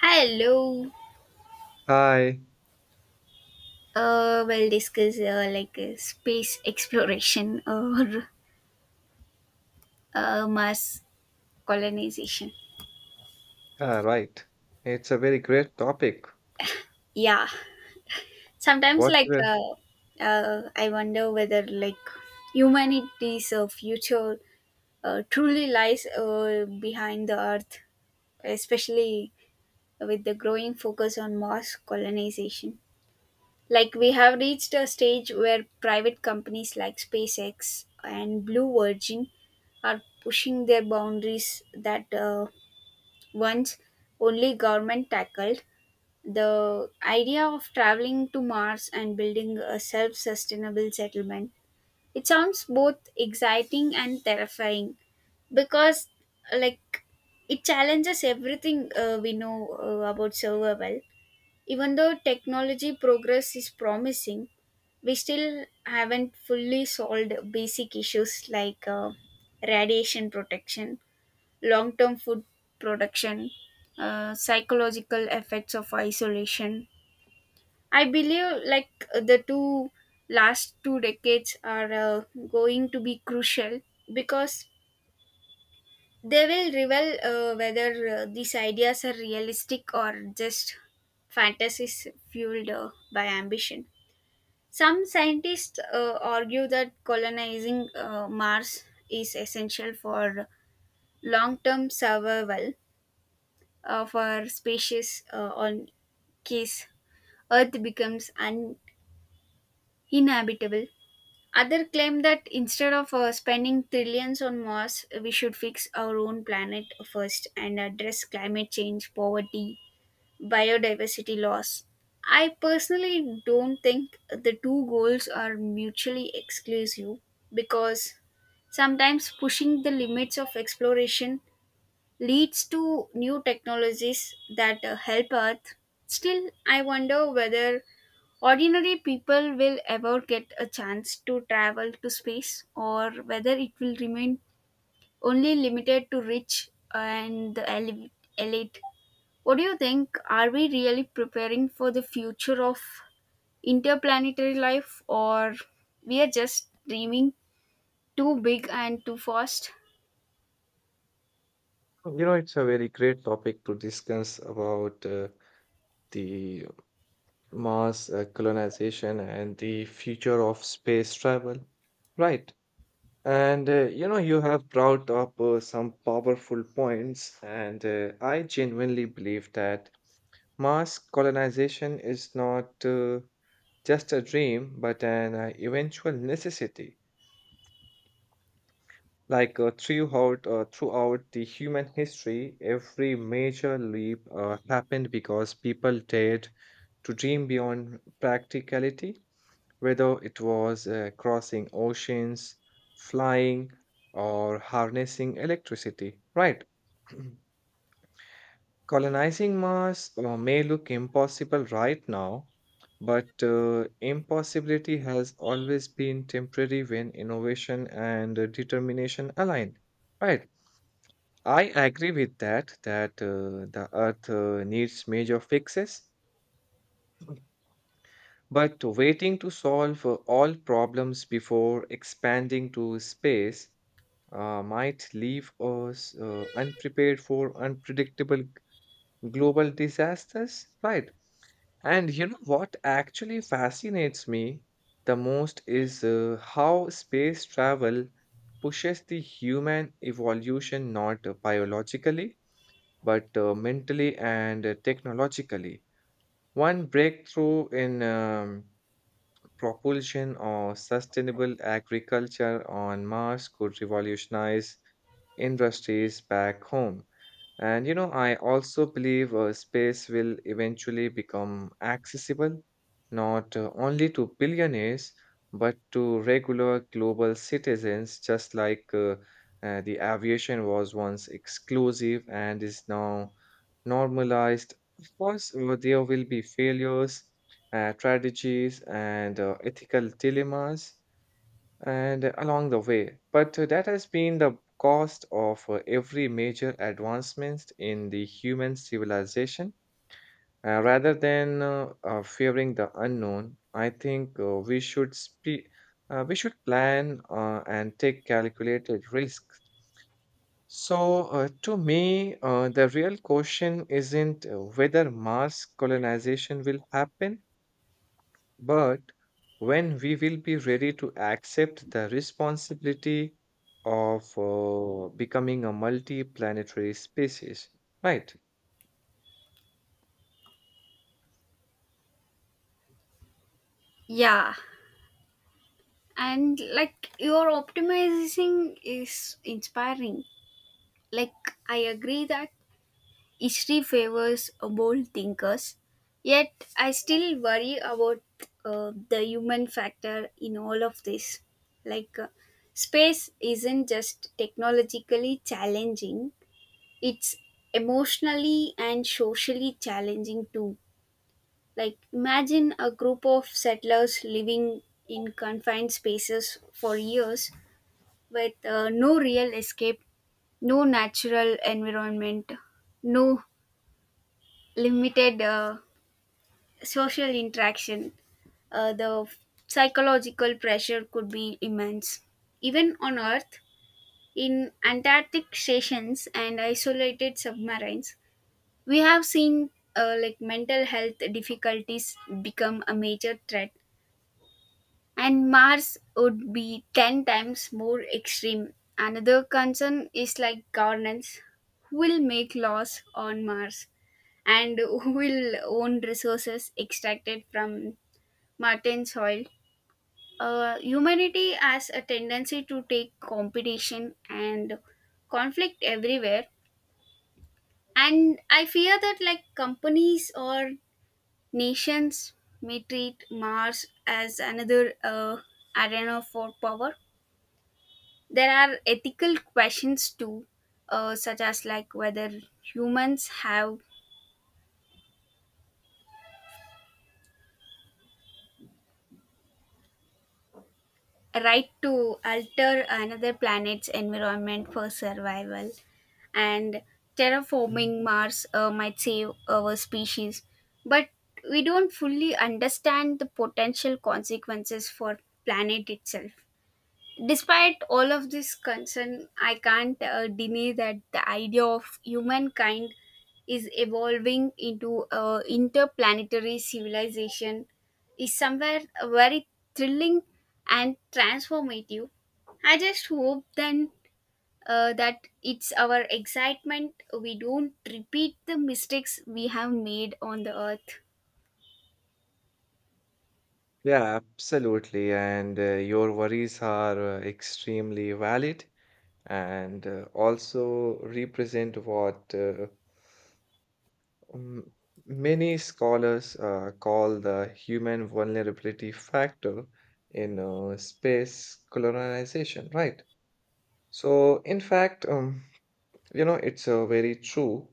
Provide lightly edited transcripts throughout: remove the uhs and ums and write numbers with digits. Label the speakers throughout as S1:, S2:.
S1: Hello.
S2: Hi.
S1: We'll discuss like space exploration or mass colonization.
S2: Ah, right. It's a very great topic.
S1: Yeah. Sometimes,
S2: What you
S1: like,
S2: were,
S1: I wonder whether like humanity's future truly lies behind the Earth, especially with the growing focus on mass colonization. Like we have reached a stage where private companies like SpaceX and Blue Origin are pushing their boundaries that once only government tackled. The idea of traveling to Mars and building a self-sustainable settlement. It sounds both exciting and terrifying because like it challenges everything we know about survival. Even though technology progress is promising, we still haven't fully solved basic issues like radiation protection, long term food production, psychological effects of isolation. I believe like the two last two decades are going to be crucial because they will reveal whether these ideas are realistic or just fantasies fueled by ambition. Some scientists argue that colonizing Mars is essential for long term survival of our species on case Earth becomes uninhabitable. Others claim that instead of spending trillions on Mars, we should fix our own planet first and address climate change, poverty, biodiversity loss. I personally don't think the two goals are mutually exclusive because sometimes pushing the limits of exploration leads to new technologies that help Earth. Still, I wonder whether ordinary people will ever get a chance to travel to space or whether it will remain only limited to rich and the elite. What do you think? Are we really preparing for the future of interplanetary life or we are just dreaming too big and too fast?
S2: it's a very great topic to discuss about the Mars colonization and the future of space travel. Right. And you know, you have brought up some powerful points, and I genuinely believe that Mars colonization is not just a dream, but an eventual necessity. Like throughout the human history, every major leap happened because people dared to dream beyond practicality, whether it was crossing oceans, flying, or harnessing electricity, right? Colonizing Mars may look impossible right now, but impossibility has always been temporary when innovation and determination align, right? I agree with that, that the earth needs major fixes, but waiting to solve all problems before expanding to space might leave us unprepared for unpredictable global disasters, right? And you know what actually fascinates me the most is how space travel pushes the human evolution not biologically but mentally and technologically. One breakthrough in propulsion or sustainable agriculture on Mars could revolutionize industries back home. And you know, I also believe space will eventually become accessible not only to billionaires but to regular global citizens, just like the aviation was once exclusive and is now normalized. Of course, there will be failures, strategies, and ethical dilemmas and along the way, but that has been the cost of every major advancement in the human civilization. Rather than fearing the unknown, I think we should plan and take calculated risks. So, to me, the real question isn't whether Mars colonization will happen, but when we will be ready to accept the responsibility of becoming a multi planetary species, right?
S1: Yeah. And like your optimizing is inspiring. Like I agree that history favors bold thinkers, yet I still worry about the human factor in all of this. Like, space isn't just technologically challenging, it's emotionally and socially challenging too. Like, imagine a group of settlers living in confined spaces for years with no real escape, no natural environment, no limited social interaction, the psychological pressure could be immense. Even on Earth, in Antarctic stations and isolated submarines, we have seen like mental health difficulties become a major threat, and Mars would be 10 times more extreme. Another concern is like governance, who will make laws on Mars and who will own resources extracted from Martian soil. Humanity has a tendency to take competition and conflict everywhere, and I fear that like companies or nations may treat Mars as another arena for power. There are ethical questions too, such as like whether humans have right to alter another planet's environment for survival, and
S2: Mm.
S1: terraforming Mars might save our species. But we don't fully understand the potential consequences for planet itself. Despite all of this concern, I can't deny that the idea of humankind is evolving into a interplanetary civilization is somewhere very thrilling and transformative. I just hope then that it's our excitement we don't repeat the mistakes we have made on the earth.
S2: Yeah, absolutely. And your worries are extremely valid and also represent what um, many scholars call the human vulnerability factor in space colonization, right? So, in fact, you know, it's very true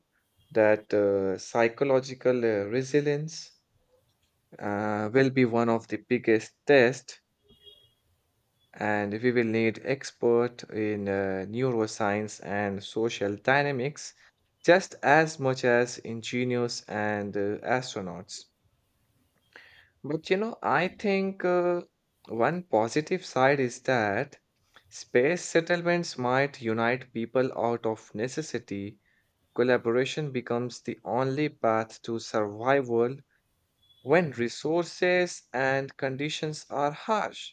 S2: that psychological resilience will be one of the biggest tests, and we will need expert in neuroscience and social dynamics just as much as engineers and astronauts. But you know, I think one positive side is that space settlements might unite people out of necessity. Collaboration becomes the only path to survival when resources and conditions are harsh.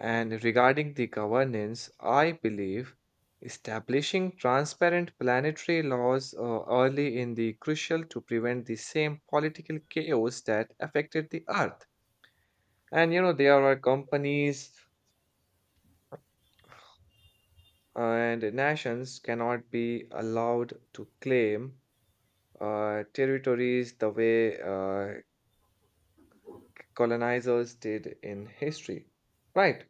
S2: And regarding the governance, I believe establishing transparent planetary laws early in the crucial to prevent the same political chaos that affected the earth. And you know, there are companies and nations cannot be allowed to claim territories the way colonizers did in history. Right.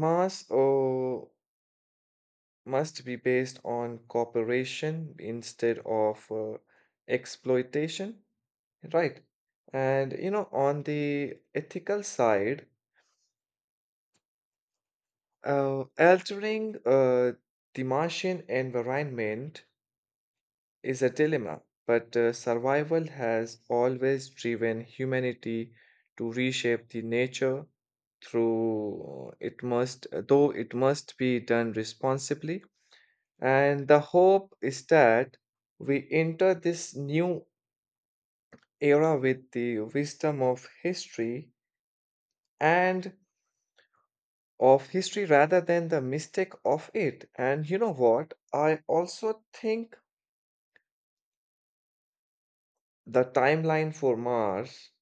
S2: Mars must be based on cooperation instead of exploitation. Right. And you know, on the ethical side, altering the Martian environment is a dilemma, but survival has always driven humanity to reshape the nature through though it must be done responsibly. And the hope is that we enter this new era with the wisdom of history and of history rather than the mistake of it. And you know what? I also think the timeline for Mars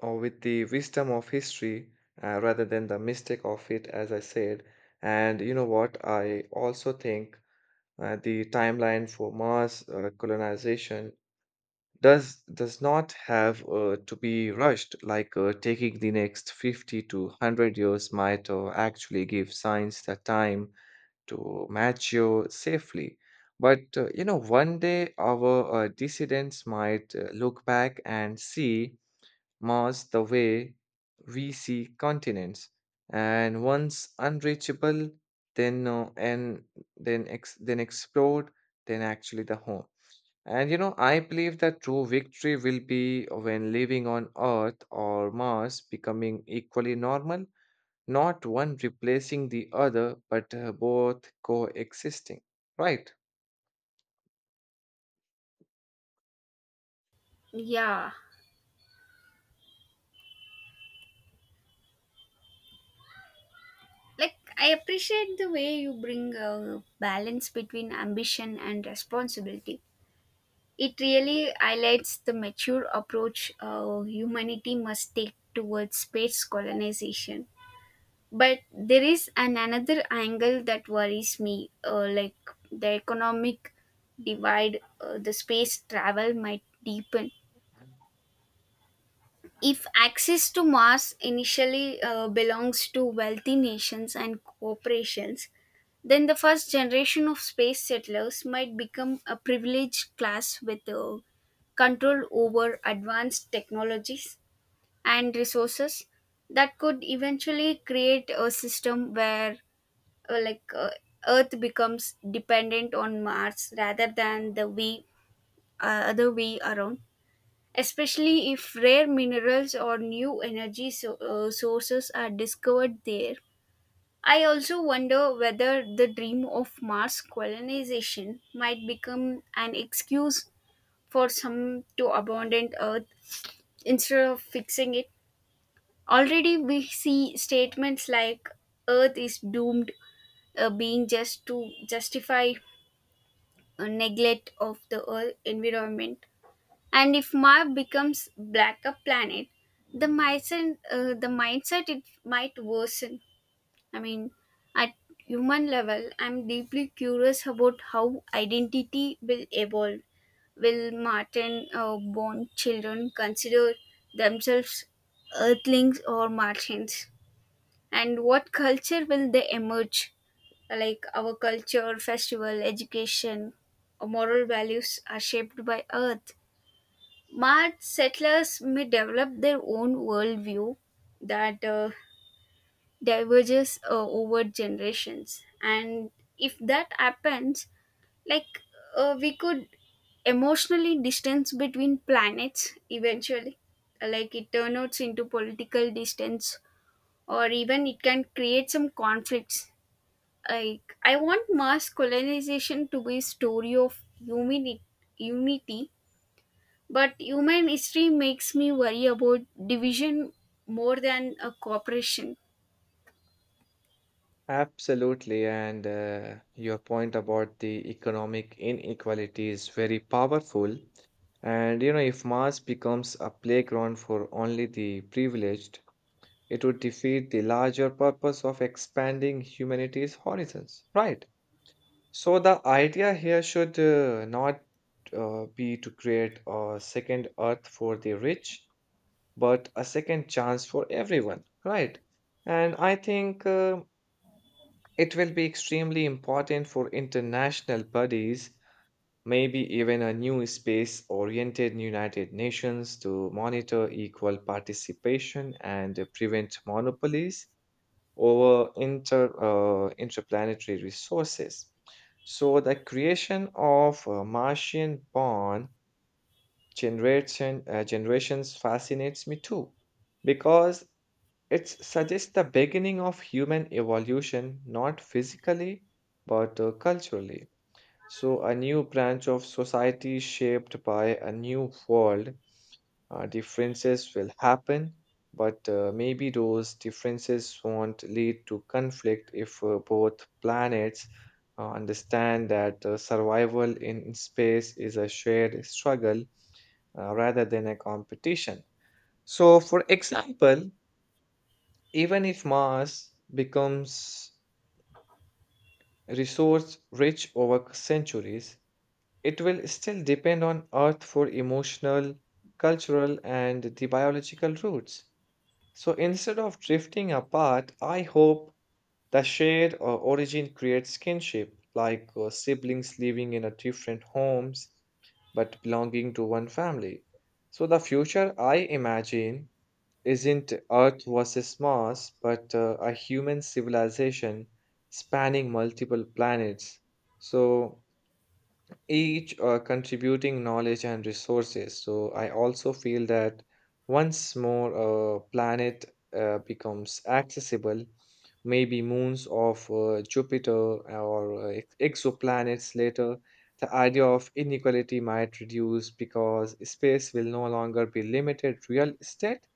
S2: or with the wisdom of history rather than the mistake of it, as I said. And you know what? I also think the timeline for Mars colonization does not have to be rushed. Like taking the next 50 to 100 years might actually give science the time to mature safely. But you know, one day our dissidents might look back and see Mars the way we see continents, and once unreachable, then uh, and then then explored, then actually the home. And you know, I believe that true victory will be when living on Earth or Mars becoming equally normal, not one replacing the other, but both coexisting, right?
S1: Yeah. Like I appreciate the way you bring a balance between ambition and responsibility. It really highlights the mature approach humanity must take towards space colonization. But there is an another angle that worries me, like the economic divide, the space travel might deepen. If access to Mars initially belongs to wealthy nations and corporations, then the first generation of space settlers might become a privileged class with control over advanced technologies and resources that could eventually create a system where like earth becomes dependent on mars rather than the way, other way around, especially if rare minerals or new energy sources are discovered there. I also wonder whether the dream of Mars colonization might become an excuse for some to abandon Earth instead of fixing it. Already, we see statements like Earth is doomed being just to justify a neglect of the Earth environment. And if Mars becomes blacker planet, the mindset it might worsen. I mean, at human level, I'm deeply curious about how identity will evolve. Will Martin born children consider themselves Earthlings or Martians? And what culture will they emerge? Like our culture, festival, education, or moral values are shaped by Earth. Mart settlers may develop their own worldview that diverges over generations. And if that happens, like we could emotionally distance between planets eventually. Like it turns into political distance, or even it can create some conflicts. Like I want mass colonization to be a story of humanity, unity, but human history makes me worry about division more than a cooperation.
S2: Absolutely, and your point about the economic inequality is very powerful. And you know, if Mars becomes a playground for only the privileged, it would defeat the larger purpose of expanding humanity's horizons. Right. So the idea here should not be to create a second Earth for the rich, but a second chance for everyone. Right. And I think. It will be extremely important for international bodies, maybe even a new space oriented United Nations to monitor equal participation and prevent monopolies over interplanetary resources. So, the creation of a Martian born generations fascinates me too, because it suggests the beginning of human evolution, not physically, but culturally. So, a new branch of society shaped by a new world. Differences will happen, but maybe those differences won't lead to conflict if both planets understand that survival in space is a shared struggle rather than a competition. So, for example, even if Mars becomes resource rich over centuries, it will still depend on Earth for emotional, cultural, and the biological roots. So instead of drifting apart, I hope the shared origin creates kinship, like siblings living in a different homes but belonging to one family. So the future I imagine isn't Earth versus Mars, but a human civilization spanning multiple planets. So each contributing knowledge and resources. So I also feel that once more planet becomes accessible, maybe moons of Jupiter or exoplanets later, the idea of inequality might reduce because space will no longer be limited real estate,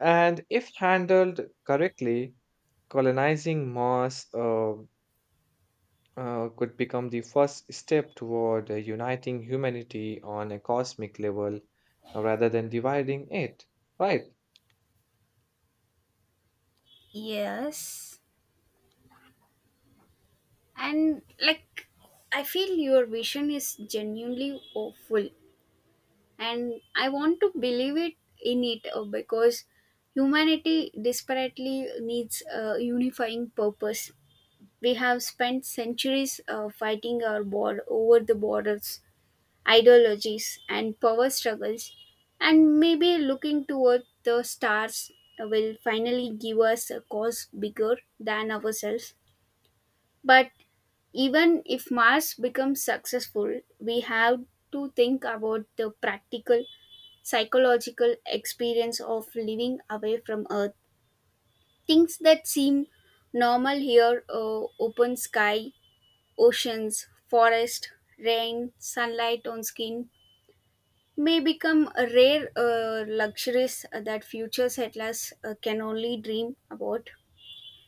S2: and if handled correctly, colonizing Mars could become the first step toward uniting humanity on a cosmic level rather than dividing it, right?
S1: Yes. And like, I feel your vision is genuinely hopeful, and I want to believe it in it, because humanity desperately needs a unifying purpose. We have spent centuries fighting our war over the borders, ideologies, and power struggles, and maybe looking toward the stars will finally give us a cause bigger than ourselves. But even if Mars becomes successful, we have to think about the practical psychological experience of living away from Earth. Things that seem normal here, open sky, oceans, forest, rain, sunlight on skin, may become a rare luxuries that future settlers can only dream about.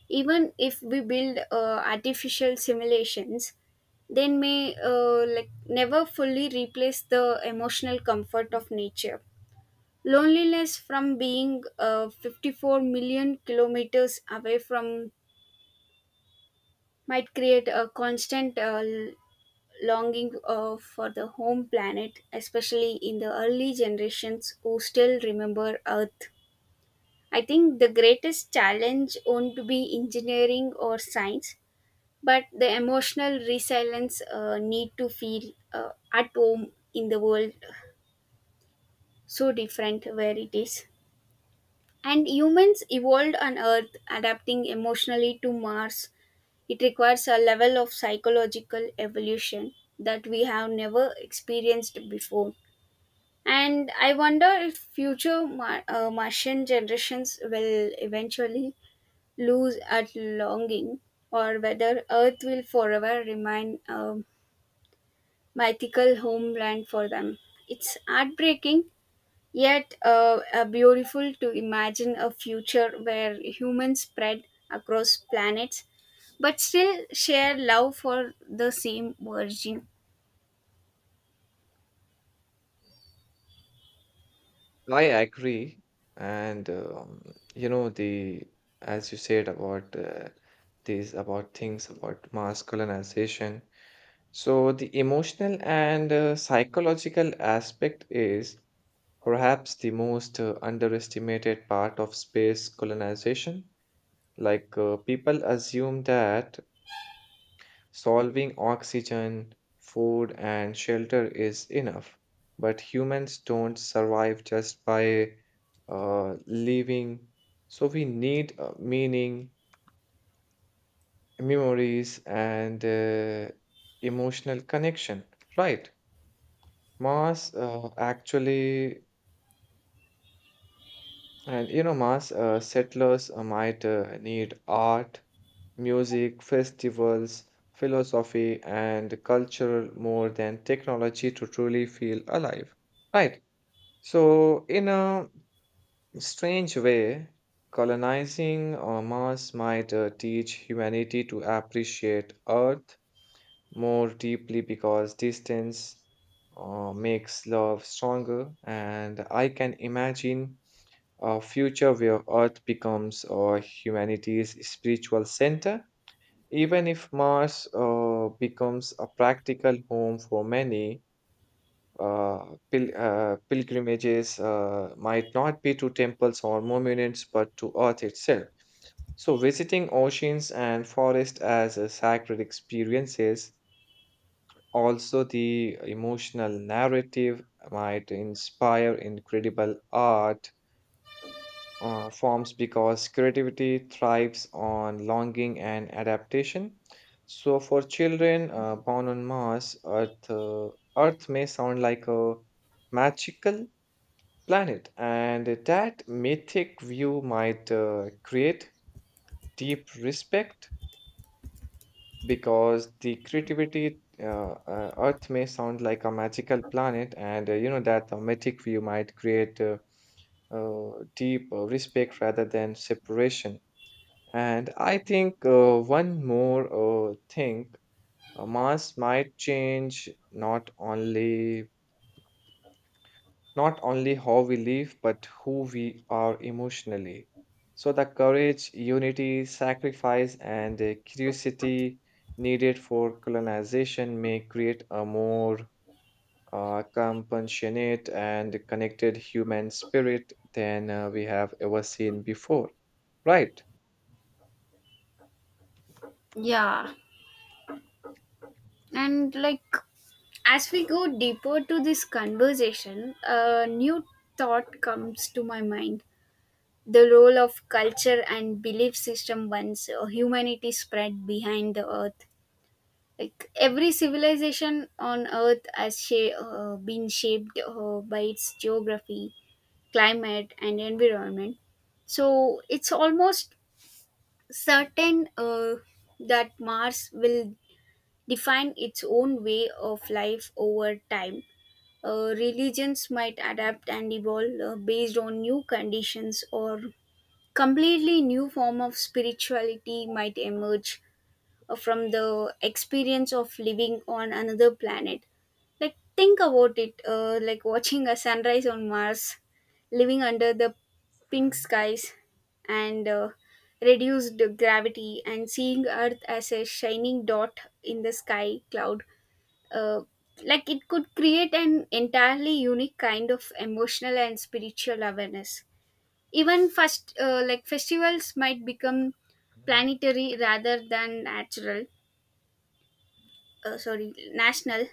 S1: Even if we build artificial simulations, they may like never fully replace the emotional comfort of nature. Loneliness from being 54 million kilometers away from might create a constant longing for the home planet, especially in the early generations who still remember Earth. I think the greatest challenge won't be engineering or science, but the emotional resilience need to feel at home in the world so different where it is. And humans evolved on Earth, adapting emotionally to Mars. It requires a level of psychological evolution that we have never experienced before. And I wonder if future Martian generations will eventually lose at longing or whether Earth will forever remain a mythical homeland for them. It's heartbreaking, yet beautiful to imagine a future where humans spread across planets but still share love for the same origin.
S2: I agree. And you know the as you said about these about things about mass colonization. So the emotional and psychological aspect is perhaps the most underestimated part of space colonization. Like people assume that solving oxygen, food, and shelter is enough, but humans don't survive just by living. So we need meaning, memories, and emotional connection, right? Mars actually. And you know, settlers might need art, music, festivals, philosophy, and culture more than technology to truly feel alive. Right. So, in a strange way, colonizing Mars might teach humanity to appreciate Earth more deeply because distance makes love stronger. And I can imagine a future where Earth becomes humanity's spiritual center. Even if Mars becomes a practical home for many, pilgrimages might not be to temples or monuments but to Earth itself. So, visiting oceans and forests as a sacred experiences, also the emotional narrative might inspire incredible art forms because creativity thrives on longing and adaptation. So, for children born on Mars, Earth may sound like a magical planet, and that mythic view might create deep respect because the creativity. Earth may sound like a magical planet, and you know that the mythic view might create deep respect rather than separation. And I think one more thing, mass might change not only how we live, but who we are emotionally. So the courage, unity, sacrifice, and curiosity needed for colonization may create a more compassionate and connected human spirit than we have ever seen before. Right.
S1: Yeah, and like as we go deeper to this conversation, a new thought comes to my mind, the role of culture and belief system once humanity spread behind the earth. Like every civilization on earth has been shaped by its geography, climate, and environment. So it's almost certain that Mars will define its own way of life over time. Religions might adapt and evolve based on new conditions or completely new form of spirituality might emerge from the experience of living on another planet. Like think about it, like watching a sunrise on Mars, living under the pink skies and reduced gravity, and seeing Earth as a shining dot in the sky cloud. Uh, like it could create an entirely unique kind of emotional and spiritual awareness. Even first, like festivals might become
S2: Mhm.
S1: planetary rather than natural, sorry, national.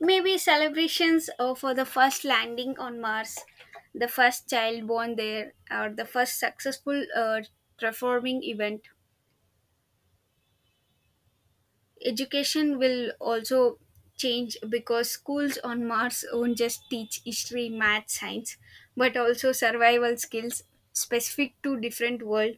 S1: Maybe celebrations for the first landing on Mars, the first child born there, or the first successful performing event. Education will also change because schools on Mars won't just teach history, math, science, but also survival skills specific to different world.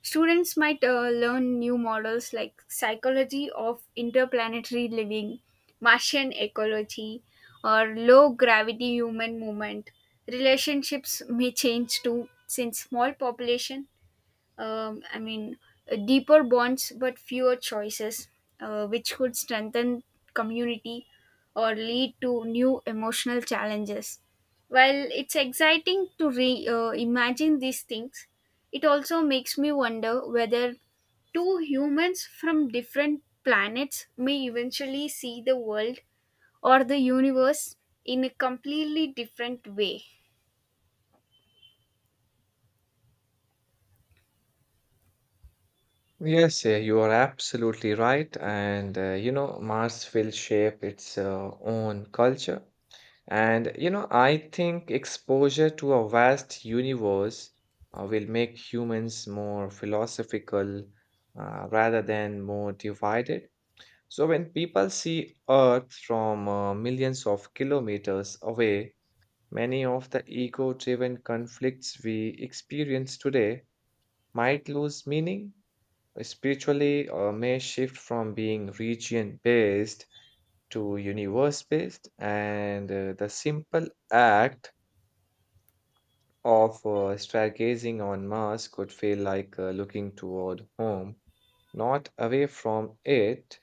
S1: Students might learn new models like psychology of interplanetary living, Martian ecology, or low gravity human movement. Relationships may change too, since small population, I mean, deeper bonds but fewer choices, which could strengthen community or lead to new emotional challenges. While it's exciting to imagine these things, it also makes me wonder whether two humans from different planets may eventually see the world or the universe in a completely different way.
S2: Yes, yeah, you are absolutely right. And, you know, Mars will shape its own culture. And, you know, I think exposure to a vast universe will make humans more philosophical rather than more divided. So when people see Earth from millions of kilometers away, many of the ego-driven conflicts we experience today might lose meaning. Spiritually may shift from being region based to universe based, and the simple act of stargazing on Mars could feel like looking toward home, not away from it.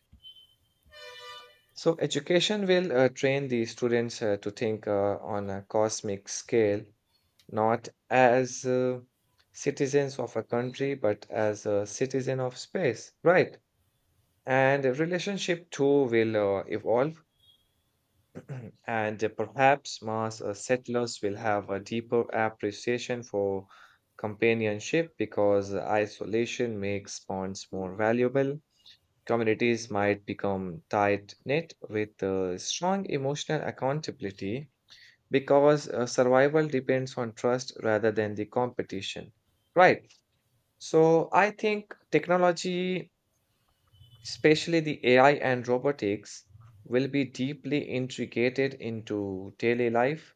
S2: So, education will train the students to think on a cosmic scale, not as citizens of a country, but as a citizen of space, right? And a relationship too will evolve, and perhaps Mars settlers will have a deeper appreciation for companionship because isolation makes bonds more valuable. Communities might become tight knit with strong emotional accountability because survival depends on trust rather than the competition. Right. So I think technology, especially the AI and robotics, will be deeply integrated into daily life,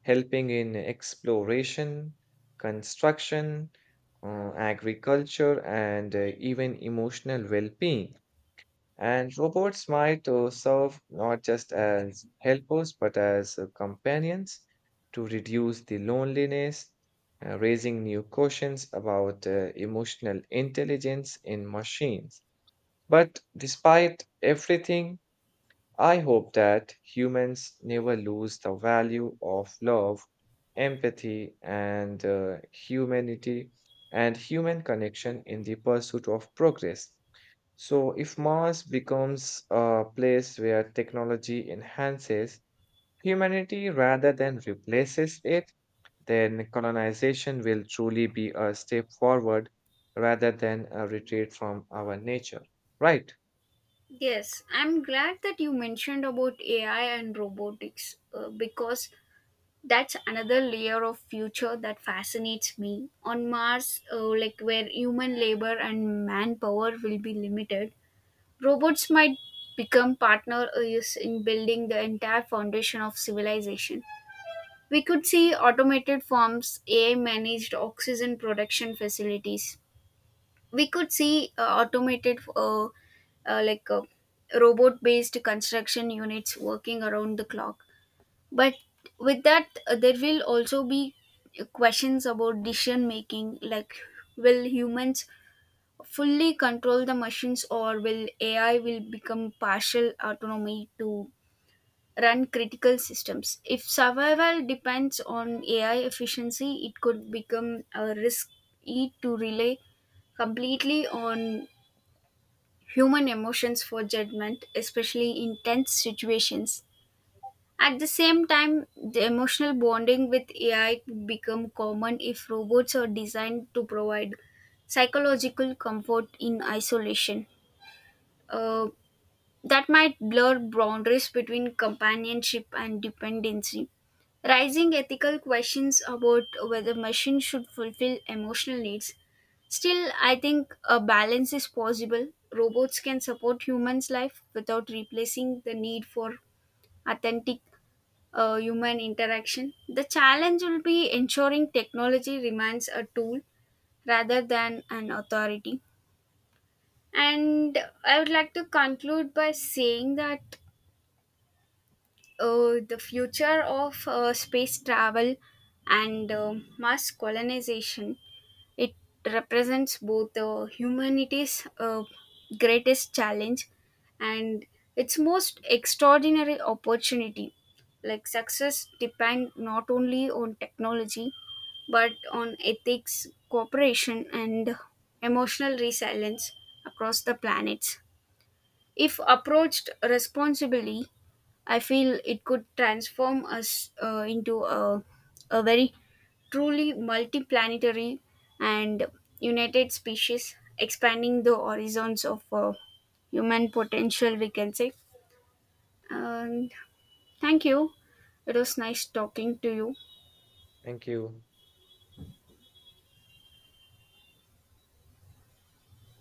S2: helping in exploration, construction, agriculture, and even emotional well being. And robots might serve not just as helpers but as companions to reduce the loneliness, raising new questions about emotional intelligence in machines. But despite everything, I hope that humans never lose the value of love, empathy, and humanity and human connection in the pursuit of progress. So, if Mars becomes a place where technology enhances humanity rather than replaces it, then colonization will truly be a step forward rather than a retreat from our nature, right?
S1: Yes, I'm glad that you mentioned about AI and robotics, because that's another layer of future that fascinates me. On Mars, like where human labor and manpower will be limited, robots might become partner is in building the entire foundation of civilization. We could see automated farms, AI managed oxygen production facilities. We could see automated like robot based construction units working around the clock. But with that, there will also be questions about decision making. Like will humans fully control the machines or will AI will become partial autonomy to run critical systems? If survival depends on AI efficiency, it could become a risk to rely completely on human emotions for judgment, especially in tense situations. At the same time, the emotional bonding with AI would become common if robots are designed to provide psychological comfort in isolation. Uh, that might blur boundaries between companionship and dependency. Rising ethical questions about whether machines should fulfill emotional needs. Still, I think a balance is possible. Robots can support humans' life without replacing the need for authentic human interaction. The challenge will be ensuring technology remains a tool rather than an authority. And I would like to conclude by saying that the future of space travel and mass colonization, it represents both the humanity's greatest challenge and its most extraordinary opportunity. Like success depend not only on technology but on ethics, cooperation, and emotional resilience across the planets. If approached responsibly, I feel it could transform us into a very truly multiplanetary and united species, expanding the horizons of human potential, we can say. And thank you. It was nice talking to you.
S2: Thank you.